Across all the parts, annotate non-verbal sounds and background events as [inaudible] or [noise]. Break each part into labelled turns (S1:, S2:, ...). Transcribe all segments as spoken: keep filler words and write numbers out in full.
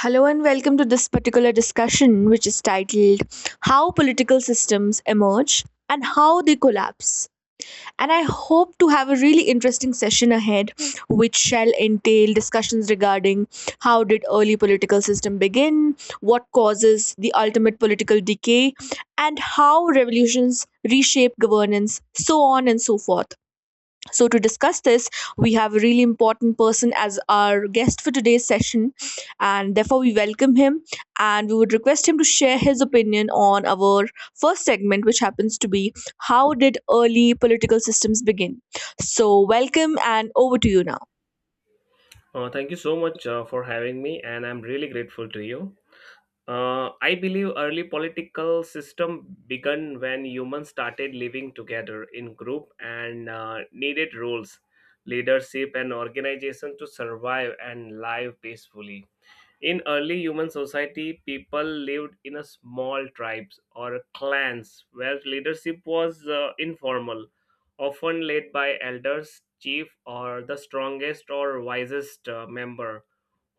S1: Hello and welcome to this particular discussion, which is titled How Political Systems Emerge and How They Collapse. And I hope to have a really interesting session ahead, which shall entail discussions regarding how did early political system begin, what causes the ultimate political decay, and how revolutions reshape governance, so on and so forth. So, to discuss this, we have a really important person as our guest for today's session, and therefore we welcome him and we would request him to share his opinion on our first segment, which happens to be How Did Early Political Systems Begin? So, welcome and over to you now.
S2: Uh, thank you so much uh, for having me, and I'm really grateful to you. Uh, I believe early political system began when humans started living together in group and uh, needed roles, leadership, and organization to survive and live peacefully. In early human society, people lived in a small tribes or clans where leadership was uh, informal, often led by elders, chief, or the strongest or wisest uh, member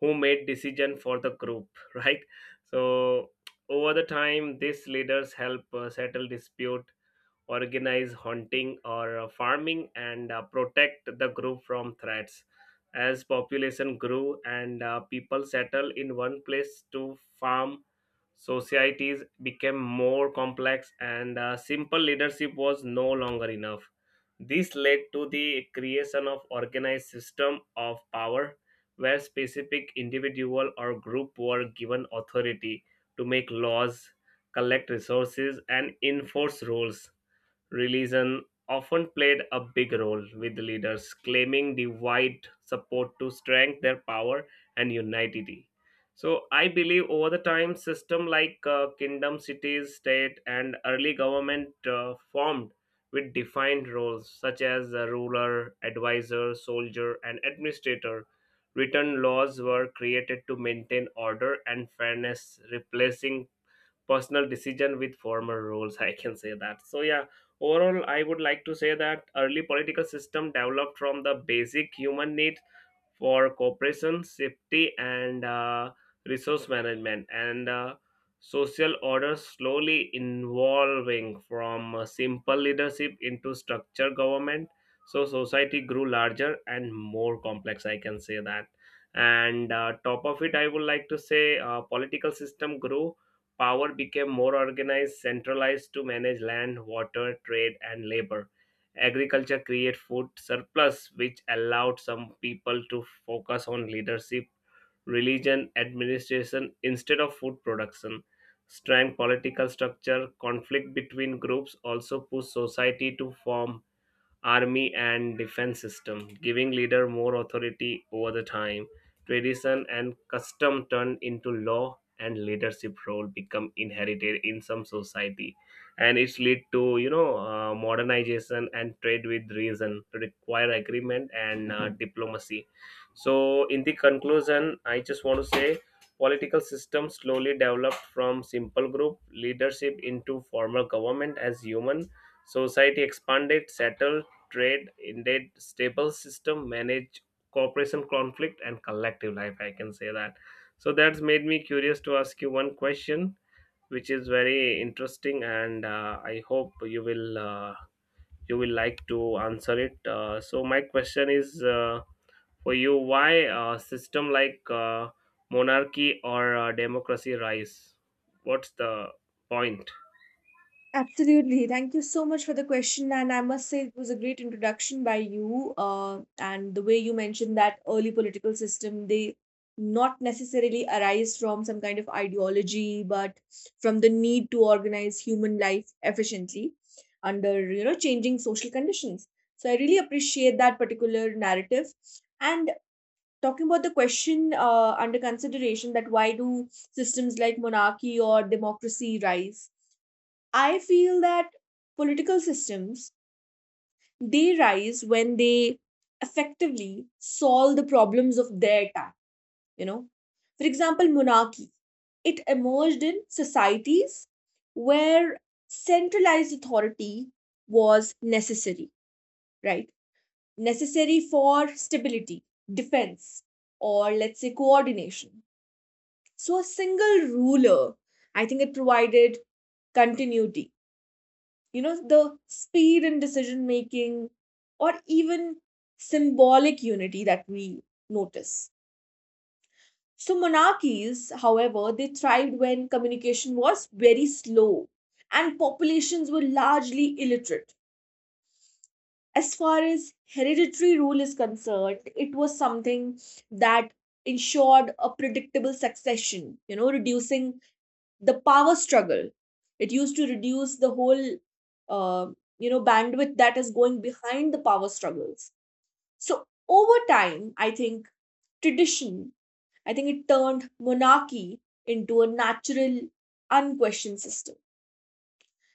S2: who made decision for the group. [laughs] Right. So over the time, these leaders help uh, settle dispute, organize hunting or uh, farming and uh, protect the group from threats as population grew and uh, people settled in one place to farm, societies became more complex and uh, simple leadership was no longer enough. This led to the creation of organized system of power where specific individual or group were given authority to make laws, collect resources, and enforce rules. Religion often played a big role with leaders claiming the wide support to strengthen their power and unity. So I believe over the time, system like uh, kingdom, cities, state, and early government uh, formed with defined roles such as the ruler, advisor, soldier, and administrator. Written laws were created to maintain order and fairness, replacing personal decision with former roles, I can say that. So yeah, overall I would like to say that early political system developed from the basic human need for cooperation, safety, and uh, resource management, and uh, social order, slowly evolving from uh, simple leadership into structured government. So society grew larger and more complex, I can say that. And uh, top of it, I would like to say uh, political system grew. Power became more organized, centralized to manage land, water, trade, and labor. Agriculture created food surplus, which allowed some people to focus on leadership, religion, administration instead of food production. Strength political structure, conflict between groups also pushed society to form army and defense system, giving leader more authority over the time. Tradition and custom turned into law and leadership role become inherited in some society, and it's lead to you know uh, modernization and trade with reason require agreement and uh, diplomacy. So in the conclusion I just want to say political system slowly developed from simple group leadership into formal government as human society expanded, settled, trade indeed stable system manage cooperation, conflict, and collective life, I can say that. So that's made me curious to ask you one question which is very interesting, and uh, I hope you will uh, you will like to answer it. Uh, so my question is, uh, for you, why a system like uh, monarchy or uh, democracy rise? What's the point?
S1: Absolutely. Thank you so much for the question. And I must say, it was a great introduction by you. Uh, and the way you mentioned that early political system, they not necessarily arise from some kind of ideology, but from the need to organize human life efficiently under you know changing social conditions. So I really appreciate that particular narrative. And talking about the question uh, under consideration, that why do systems like monarchy or democracy rise? I feel that political systems they rise when they effectively solve the problems of their time, you know. For example, monarchy, it emerged in societies where centralized authority was necessary, right? Necessary for stability, defense, or let's say coordination. So a single ruler, I think it provided continuity, you know, the speed in decision making or even symbolic unity that we notice. So monarchies, however, they thrived when communication was very slow and populations were largely illiterate. As far as hereditary rule is concerned, it was something that ensured a predictable succession, you know, reducing the power struggle. It used to reduce the whole, uh, you know, bandwidth that is going behind the power struggles. So over time, I think tradition, I think it turned monarchy into a natural, unquestioned system.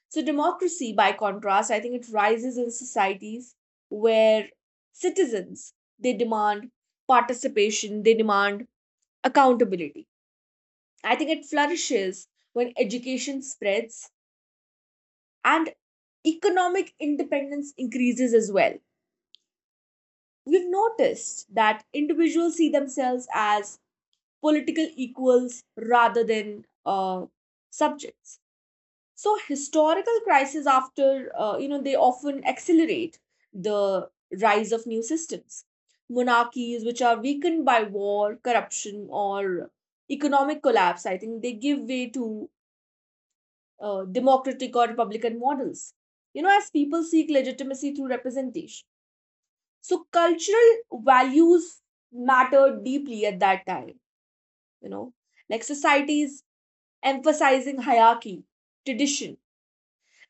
S1: So democracy, by contrast, I think it rises in societies where citizens they demand participation, they demand accountability. I think it flourishes when education spreads and economic independence increases as well. We've noticed that individuals see themselves as political equals rather than uh, subjects. So historical crises after uh, you know they often accelerate the rise of new systems. Monarchies, which are weakened by war, corruption, or economic collapse, I think they give way to uh, democratic or republican models, you know, as people seek legitimacy through representation. So cultural values matter deeply at that time, you know, like societies emphasizing hierarchy, tradition,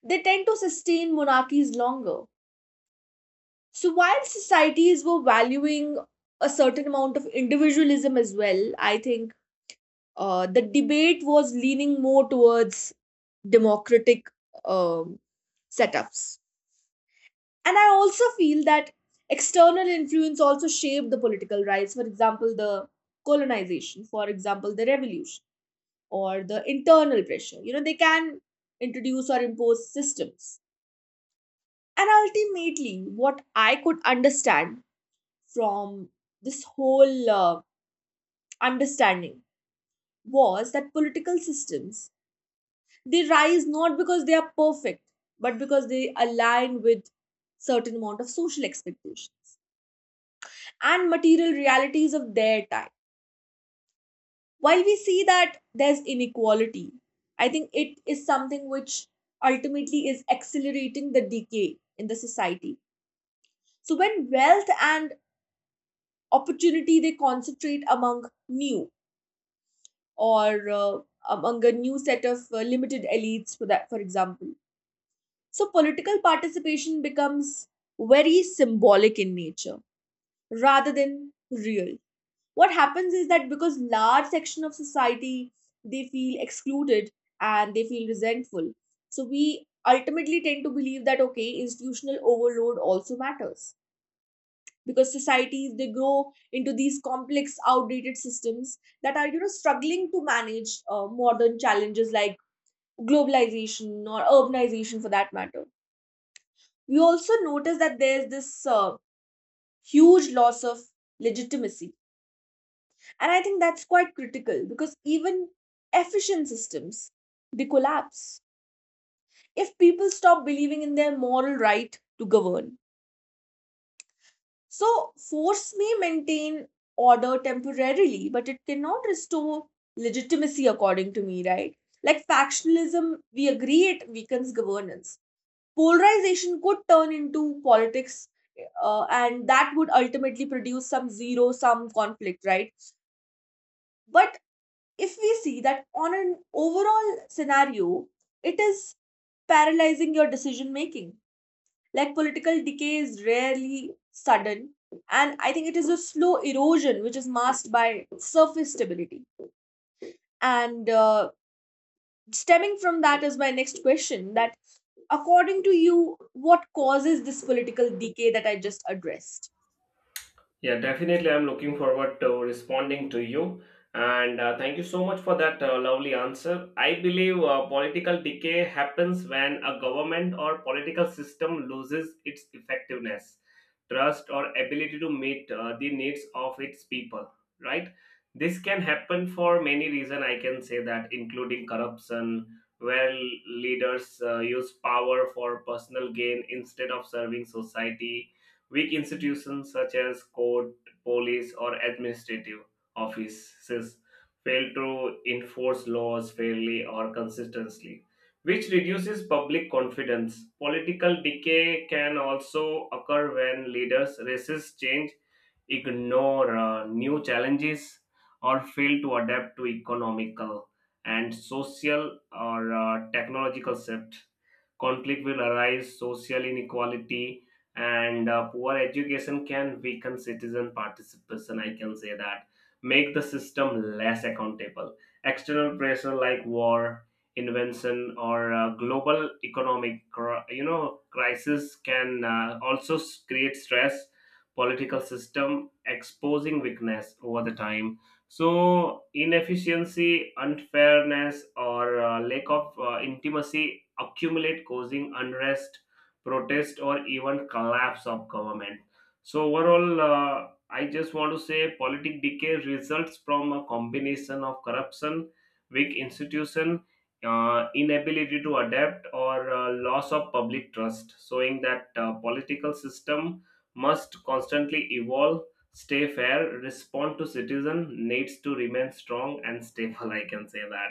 S1: they tend to sustain monarchies longer. So while societies were valuing a certain amount of individualism as well, I think uh, the debate was leaning more towards democratic um, setups. And I also feel that external influence also shaped the political rights. For example, the colonization, for example, the revolution or the internal pressure, you know, they can introduce or impose systems. And ultimately, what I could understand from this whole uh, understanding was that political systems they rise not because they are perfect but because they align with certain amount of social expectations and material realities of their time. While we see that there's inequality, I think it is something which ultimately is accelerating the decay in the society. So when wealth and opportunity they concentrate among new or uh, among a new set of uh, limited elites, for that, for example. So political participation becomes very symbolic in nature rather than real. What happens is that because large section of society they feel excluded and they feel resentful. So we ultimately tend to believe that okay institutional overload also matters, because societies they grow into these complex outdated systems that are you know struggling to manage uh, modern challenges like globalization or urbanization for that matter. We also notice that there's this uh, huge loss of legitimacy. And I think that's quite critical because even efficient systems they collapse if people stop believing in their moral right to govern. So force may maintain order temporarily, but it cannot restore legitimacy according to me, right? Like factionalism, we agree it weakens governance. Polarization could turn into politics, uh, and that would ultimately produce some zero sum conflict, right? But if we see that on an overall scenario, it is paralyzing your decision making. Like political decay is rarely sudden, and I think it is a slow erosion which is masked by surface stability. And uh, Stemming from that is my next question, that according to you what causes this political decay that I just addressed.
S2: Yeah, definitely. I'm looking forward to responding to you. And uh, thank you so much for that uh, lovely answer. I believe uh, political decay happens when a government or political system loses its effectiveness, trust, or ability to meet uh, the needs of its people, right? This can happen for many reasons, I can say that, including corruption, where leaders uh, use power for personal gain instead of serving society. Weak institutions such as court, police, or administrative offices fail to enforce laws fairly or consistently, which reduces public confidence. Political decay can also occur when leaders resist change, ignore uh, new challenges, or fail to adapt to economical and social or uh, technological shift. Conflict will arise, social inequality, and uh, poor education can weaken citizen participation, I can say that, make the system less accountable. External pressure like war, invention, or uh, global economic cr- you know crisis can uh, also s- create stress, political system exposing weakness over the time. So, inefficiency, unfairness, or uh, lack of uh, intimacy accumulate, causing unrest, protest, or even collapse of government. So, overall, uh, I just want to say politic decay results from a combination of corruption, weak institution, uh, inability to adapt, or uh, loss of public trust, showing that uh, political system must constantly evolve, stay fair, respond to citizen needs to remain strong and stable. I can say that.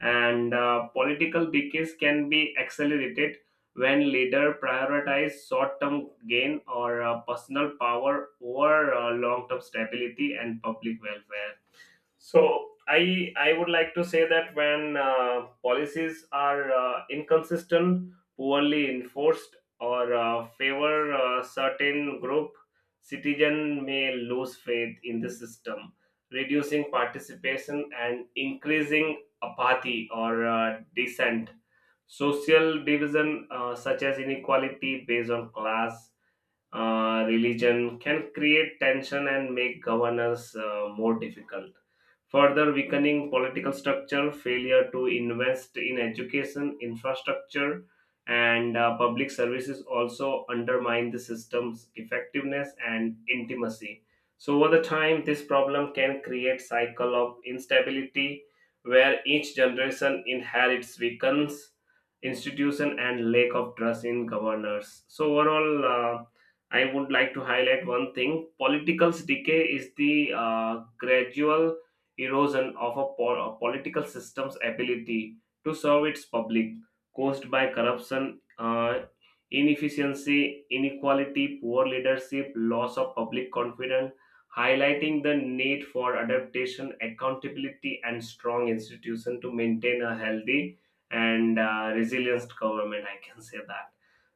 S2: And uh, political decades can be accelerated when leader prioritize short-term gain or uh, personal power over uh, long-term stability and public welfare. So I I would like to say that when uh, policies are uh, inconsistent, poorly enforced, or uh, favor a certain group, citizen may lose faith in the system, reducing participation and increasing apathy or uh, dissent. Social division, uh, such as inequality based on class, uh, religion can create tension and make governance uh, more difficult. Further weakening political structure, failure to invest in education, infrastructure, and uh, public services also undermine the system's effectiveness and intimacy. So, over the time, this problem can create cycle of instability where each generation inherits weakens institution and lack of trust in governors. So, overall, uh, I would like to highlight one thing. Political's decay is the uh, gradual erosion of a, po- a political system's ability to serve its public, caused by corruption, uh, inefficiency, inequality, poor leadership, loss of public confidence, highlighting the need for adaptation, accountability, and strong institution to maintain a healthy and uh, resilient government. I can say that.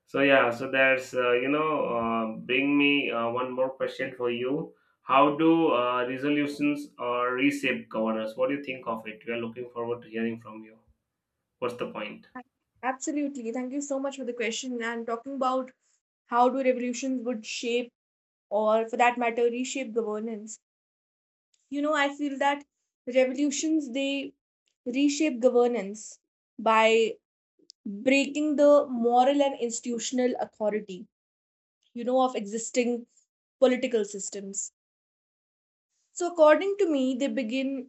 S2: So yeah, so there's uh, you know uh, bring me uh, one more question for you. How do uh, resolutions or reshape governance? What do you think of it? We are looking forward to hearing from you. What's the point?
S1: Absolutely. Thank you so much for the question and talking about how do revolutions would shape or for that matter reshape governance. You know I feel that revolutions they reshape governance by breaking the moral and institutional authority you know of existing political systems. So according to me they begin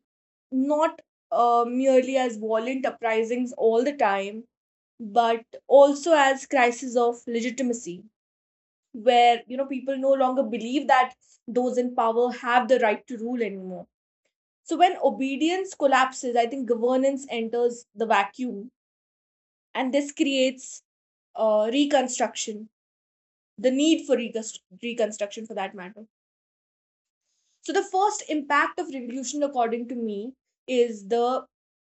S1: not uh, merely as violent uprisings all the time, but also as crises of legitimacy where you know people no longer believe that those in power have the right to rule anymore. So when obedience collapses, I think governance enters the vacuum, and this creates uh, reconstruction, the need for recon reconstruction for that matter. So the first impact of revolution, according to me, is the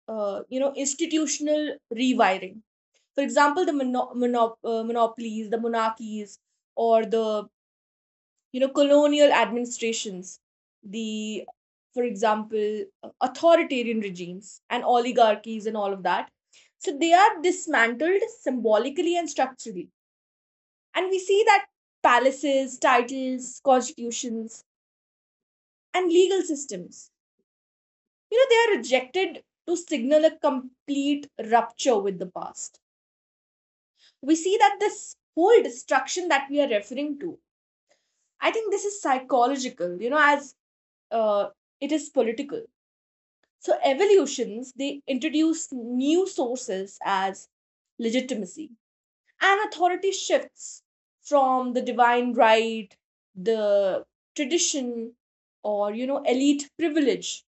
S1: uh, you know institutional rewiring. For example, the mono- monop- uh, monopolies, the monarchies, or the you know colonial administrations, the for example authoritarian regimes and oligarchies and all of that, so they are dismantled symbolically and structurally. And we see that palaces, titles, constitutions and legal systems, you know, they are rejected to signal a complete rupture with the past. We see that this whole destruction that we are referring to, I think this is psychological, you know, as uh, it is political. So evolutions, they introduce new sources as legitimacy. And authority shifts from the divine right, the tradition, or you know, elite privilege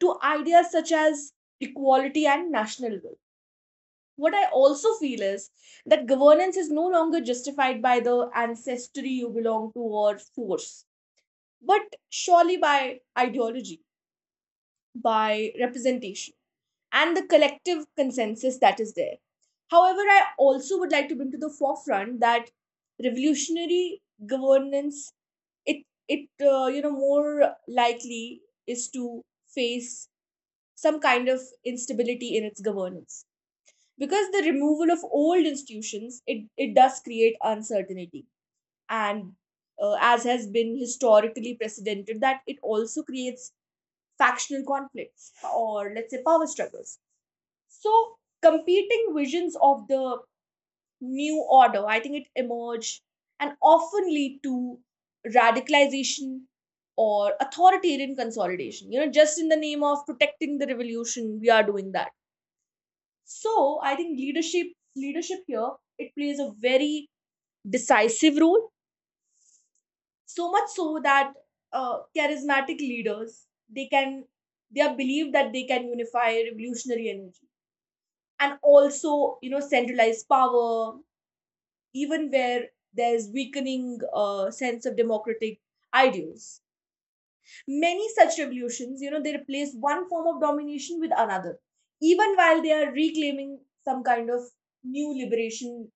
S1: to ideas such as equality and national will. What I also feel is that governance is no longer justified by the ancestry you belong to or force, but surely by ideology, by representation and the collective consensus that is there. However, I also would like to bring to the forefront that revolutionary governance it it uh, you know more likely is to face some kind of instability in its governance, because the removal of old institutions it, it does create uncertainty, and uh, as has been historically precedented, that it also creates factional conflicts or let's say power struggles. So, competing visions of the new order, I think it emerged and often lead to radicalization or authoritarian consolidation. You know, just in the name of protecting the revolution, we are doing that. So, I think leadership leadership here it plays a very decisive role. So much so that uh, charismatic leaders they can they are believed that they can unify revolutionary energy and also you know centralize power even where there's weakening uh, sense of democratic ideals. Many such revolutions, you know, they replace one form of domination with another, even while they are reclaiming some kind of new liberation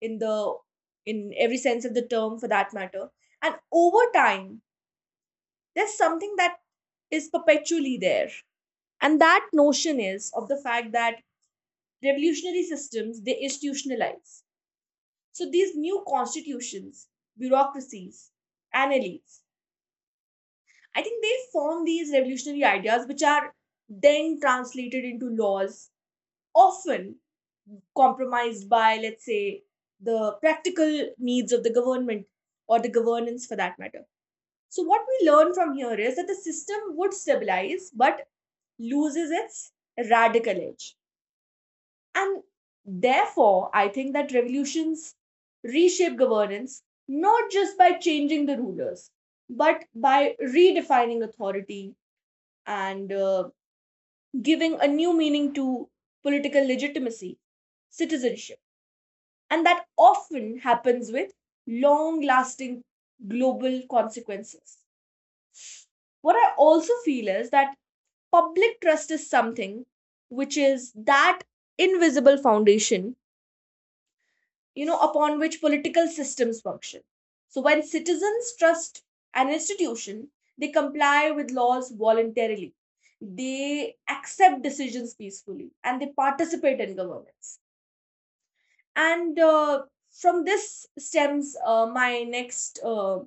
S1: in the in every sense of the term for that matter. And over time, there's something that is perpetually there. And that notion is of the fact that revolutionary systems they institutionalize. So these new constitutions, bureaucracies, and elites, I think they form these revolutionary ideas which are then translated into laws, often compromised by, let's say, the practical needs of the government or the governance for that matter. So, what we learn from here is that the system would stabilize but loses its radical edge. And therefore, I think that revolutions reshape governance not just by changing the rulers, but by redefining authority and uh, giving a new meaning to political legitimacy, citizenship. And that often happens with long lasting global consequences. What I also feel is that public trust is something which is that invisible foundation you know upon which political systems function. So when citizens trust an institution they comply with laws voluntarily, they accept decisions peacefully and they participate in governance. And uh, from this stems uh, my next uh,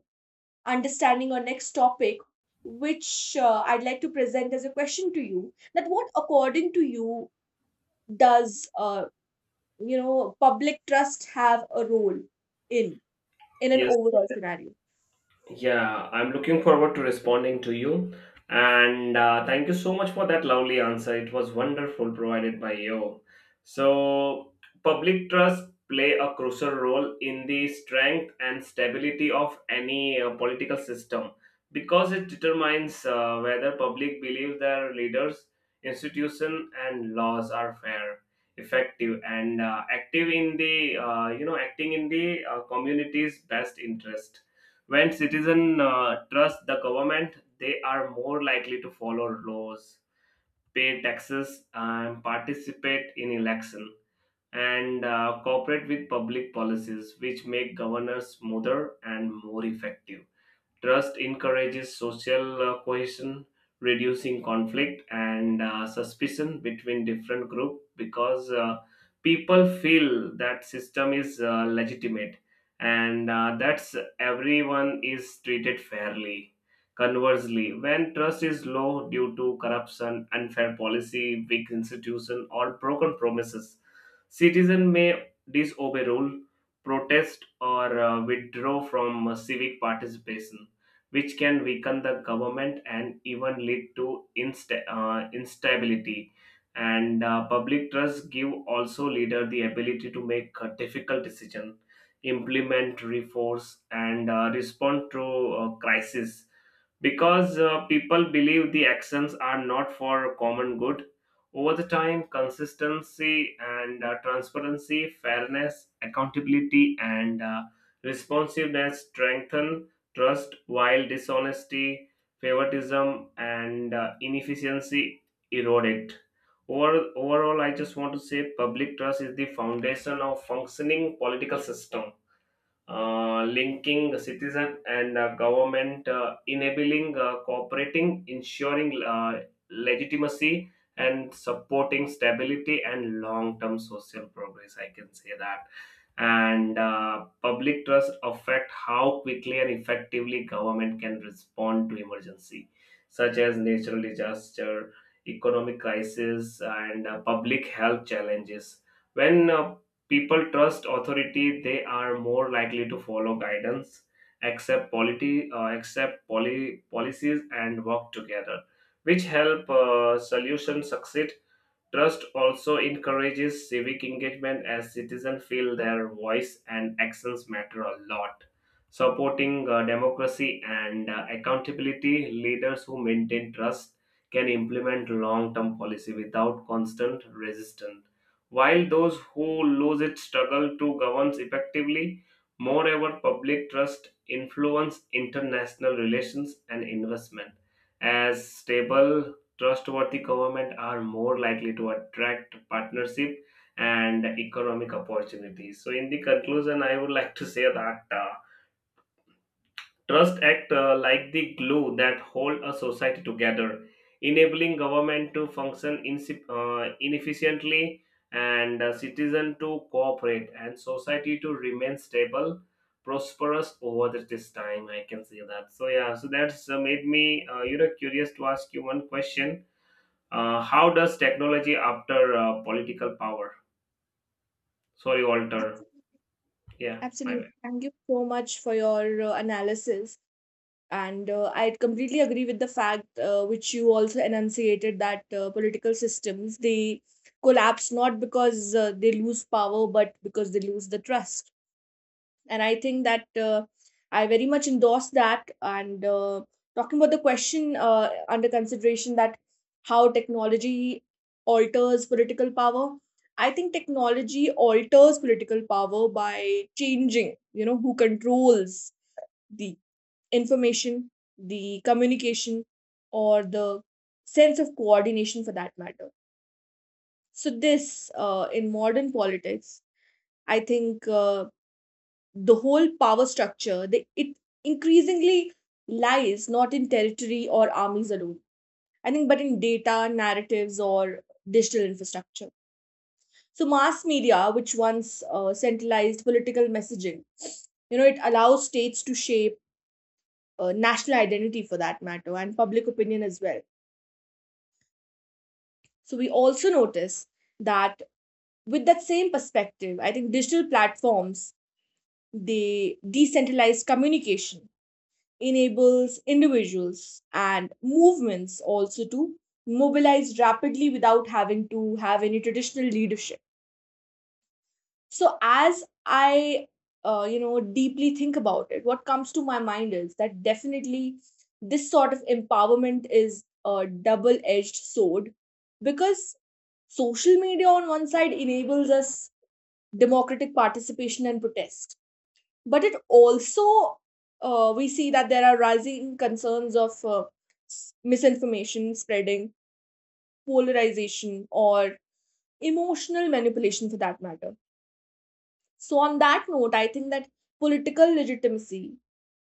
S1: understanding or next topic which uh, I'd like to present as a question to you, that what according to you does, uh, you know, public trust have a role in in an
S2: Yes.
S1: overall scenario.
S2: Yeah, I'm looking forward to responding to you. And uh, thank you so much for that lovely answer. It was wonderful provided by you. So, public trust play a crucial role in the strength and stability of any uh, political system because it determines uh, whether public believe their leaders, institution, and laws are fair, effective, and uh, active in the uh, you know acting in the uh, community's best interest. When citizens uh, trust the government, they are more likely to follow laws, pay taxes, and participate in election, and uh, cooperate with public policies, which make governors smoother and more effective. Trust encourages social uh, cohesion, reducing conflict and uh, suspicion between different groups because uh, people feel that system is uh, legitimate and uh, that's everyone is treated fairly. Conversely, when trust is low due to corruption, unfair policy, weak institution, or broken promises, citizen may disobey rule, protest, or uh, withdraw from uh, civic participation, which can weaken the government and even lead to insta- uh, instability. And uh, public trust give also leader the ability to make a difficult decision, implement reforms, and uh, respond to uh, crisis because uh, people believe the actions are not for common good. Over the time, consistency and uh, transparency, fairness, accountability, and uh, responsiveness strengthen trust, while dishonesty, favoritism, and uh, inefficiency erode it. Over, overall, I just want to say public trust is the foundation of functioning political system, uh, linking citizen and uh, government, uh, enabling uh, cooperating, ensuring uh, legitimacy, and supporting stability and long-term social progress. I can say that. And uh, public trust affect how quickly and effectively government can respond to emergency, such as natural disaster, economic crisis, and uh, public health challenges. When uh, people trust authority, they are more likely to follow guidance, accept polity, uh, accept poly, policies, and work together, which help uh, solutions succeed. Trust also encourages civic engagement as citizens feel their voice and actions matter a lot, supporting uh, democracy and uh, accountability. Leaders who maintain trust can implement long term policy without constant resistance, while those who lose it struggle to govern effectively. Moreover, public trust influence international relations and investment, as stable, trustworthy government are more likely to attract partnership and economic opportunities. So, in the conclusion, I would like to say that. uh, Trust act uh, like the glue that hold a society together, enabling government to function insi- uh, inefficiently and uh, citizen to cooperate and society to remain stable, prosperous over the- this time. I can say that. So yeah, so that's uh, made me uh, you know curious to ask you one question. Uh, how does technology after uh, political power? Sorry, Walter.
S1: Absolutely.
S2: Yeah, my
S1: Absolutely.
S2: bad.
S1: Thank you so much for your uh, analysis. And uh, I completely agree with the fact uh, which you also enunciated, that uh, political systems they collapse not because uh, they lose power but because they lose the trust. And I think that uh, I very much endorse that. And uh, talking about the question uh, under consideration, that how technology alters political power, I think technology alters political power by changing you know who controls the information, the communication, or the sense of coordination for that matter. So this, uh, in modern politics, I think uh, the whole power structure, they, it increasingly lies not in territory or armies alone, I think, but in data, narratives, or digital infrastructure. So mass media, which once uh, centralized political messaging, you know it allows states to shape uh, national identity for that matter and public opinion as well. So we also notice that with that same perspective, I think digital platforms, they decentralized communication, enables individuals and movements also to mobilize rapidly without having to have any traditional leadership. So as I uh, you know deeply think about it, what comes to my mind is that definitely this sort of empowerment is a double edged sword, because social media on one side enables us democratic participation and protest, but it also, uh, we see that there are rising concerns of uh, s- misinformation spreading, polarization, or emotional manipulation for that matter. So on that note, I think that political legitimacy,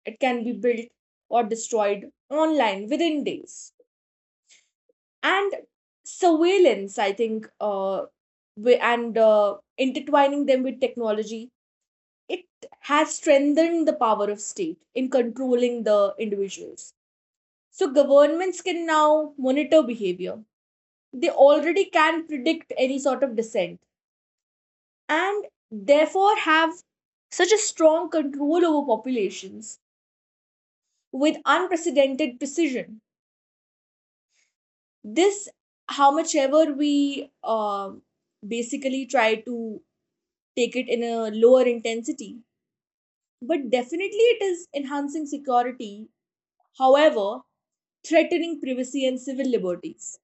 S1: it can be built or destroyed online within days. And surveillance, I think uh, wi- and uh, intertwining them with technology, it has strengthened the power of state in controlling the individuals. So governments can now monitor behavior, they already can predict any sort of dissent, and therefore have such a strong control over populations with unprecedented precision. This, how much ever we um basically try to take it in a lower intensity, but definitely it is enhancing security, however, threatening privacy and civil liberties.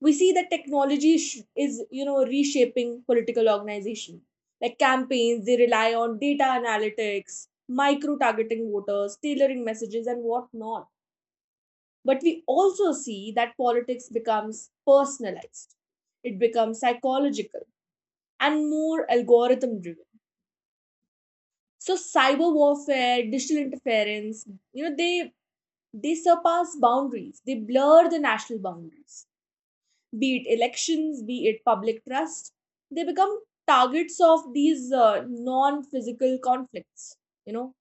S1: We see that technology sh- is, you know, reshaping political organization. Like campaigns, they rely on data analytics, micro targeting voters, tailoring messages, and whatnot. But we also see that politics becomes personalized, it becomes psychological and more algorithm driven. So cyber warfare, digital interference, you know, they they surpass boundaries. They blur the national boundaries, be it elections, be it public trust, they become targets of these uh, non physical conflicts. You know,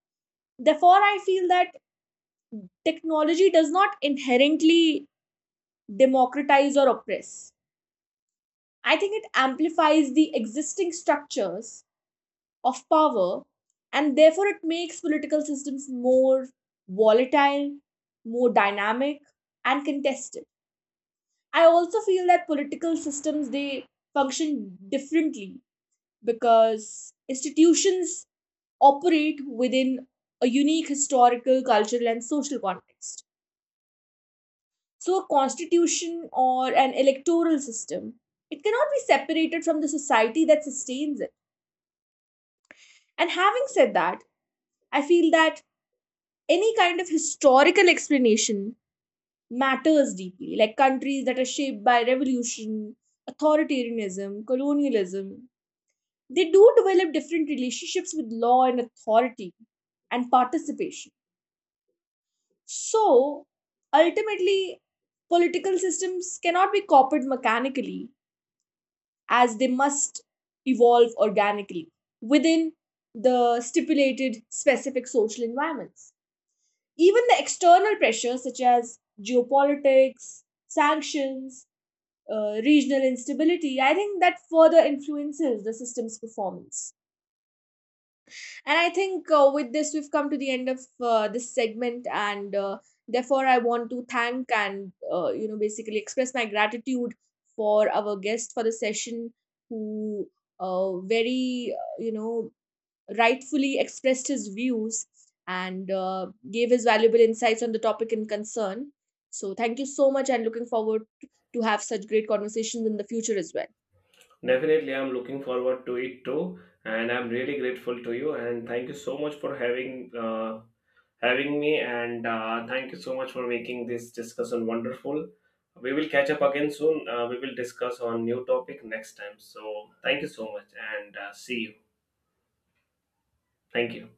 S1: therefore, I feel that technology does not inherently democratize or oppress. I think it amplifies the existing structures of power, and therefore it makes political systems more volatile, more dynamic, and contested. I also feel that political systems, they function differently because institutions operate within a unique historical, cultural, and social context. So a constitution or an electoral system, it cannot be separated from the society that sustains it. And having said that, I feel that any kind of historical explanation matters deeply, like countries that are shaped by revolution, authoritarianism, colonialism. They do develop different relationships with law and authority and participation. So ultimately, political systems cannot be copied mechanically, as they must evolve organically within the stipulated specific social environments. Even the external pressures such as geopolitics, sanctions, uh, regional instability, I think that further influences the system's performance. And I think uh, with this, we've come to the end of uh, this segment. And uh, therefore, I want to thank and, uh, you know, basically express my gratitude for our guest for the session who uh, very, uh, you know, rightfully expressed his views and uh, gave his valuable insights on the topic in concern. So thank you so much and looking forward to have such great conversations in the future as well.
S2: Definitely, I'm looking forward to it too, and I'm really grateful to you. And thank you so much for having uh, having me, and uh, thank you so much for making this discussion wonderful. We will catch up again soon. Uh, we will discuss on new topic next time. So thank you so much, and uh, see you. Thank you.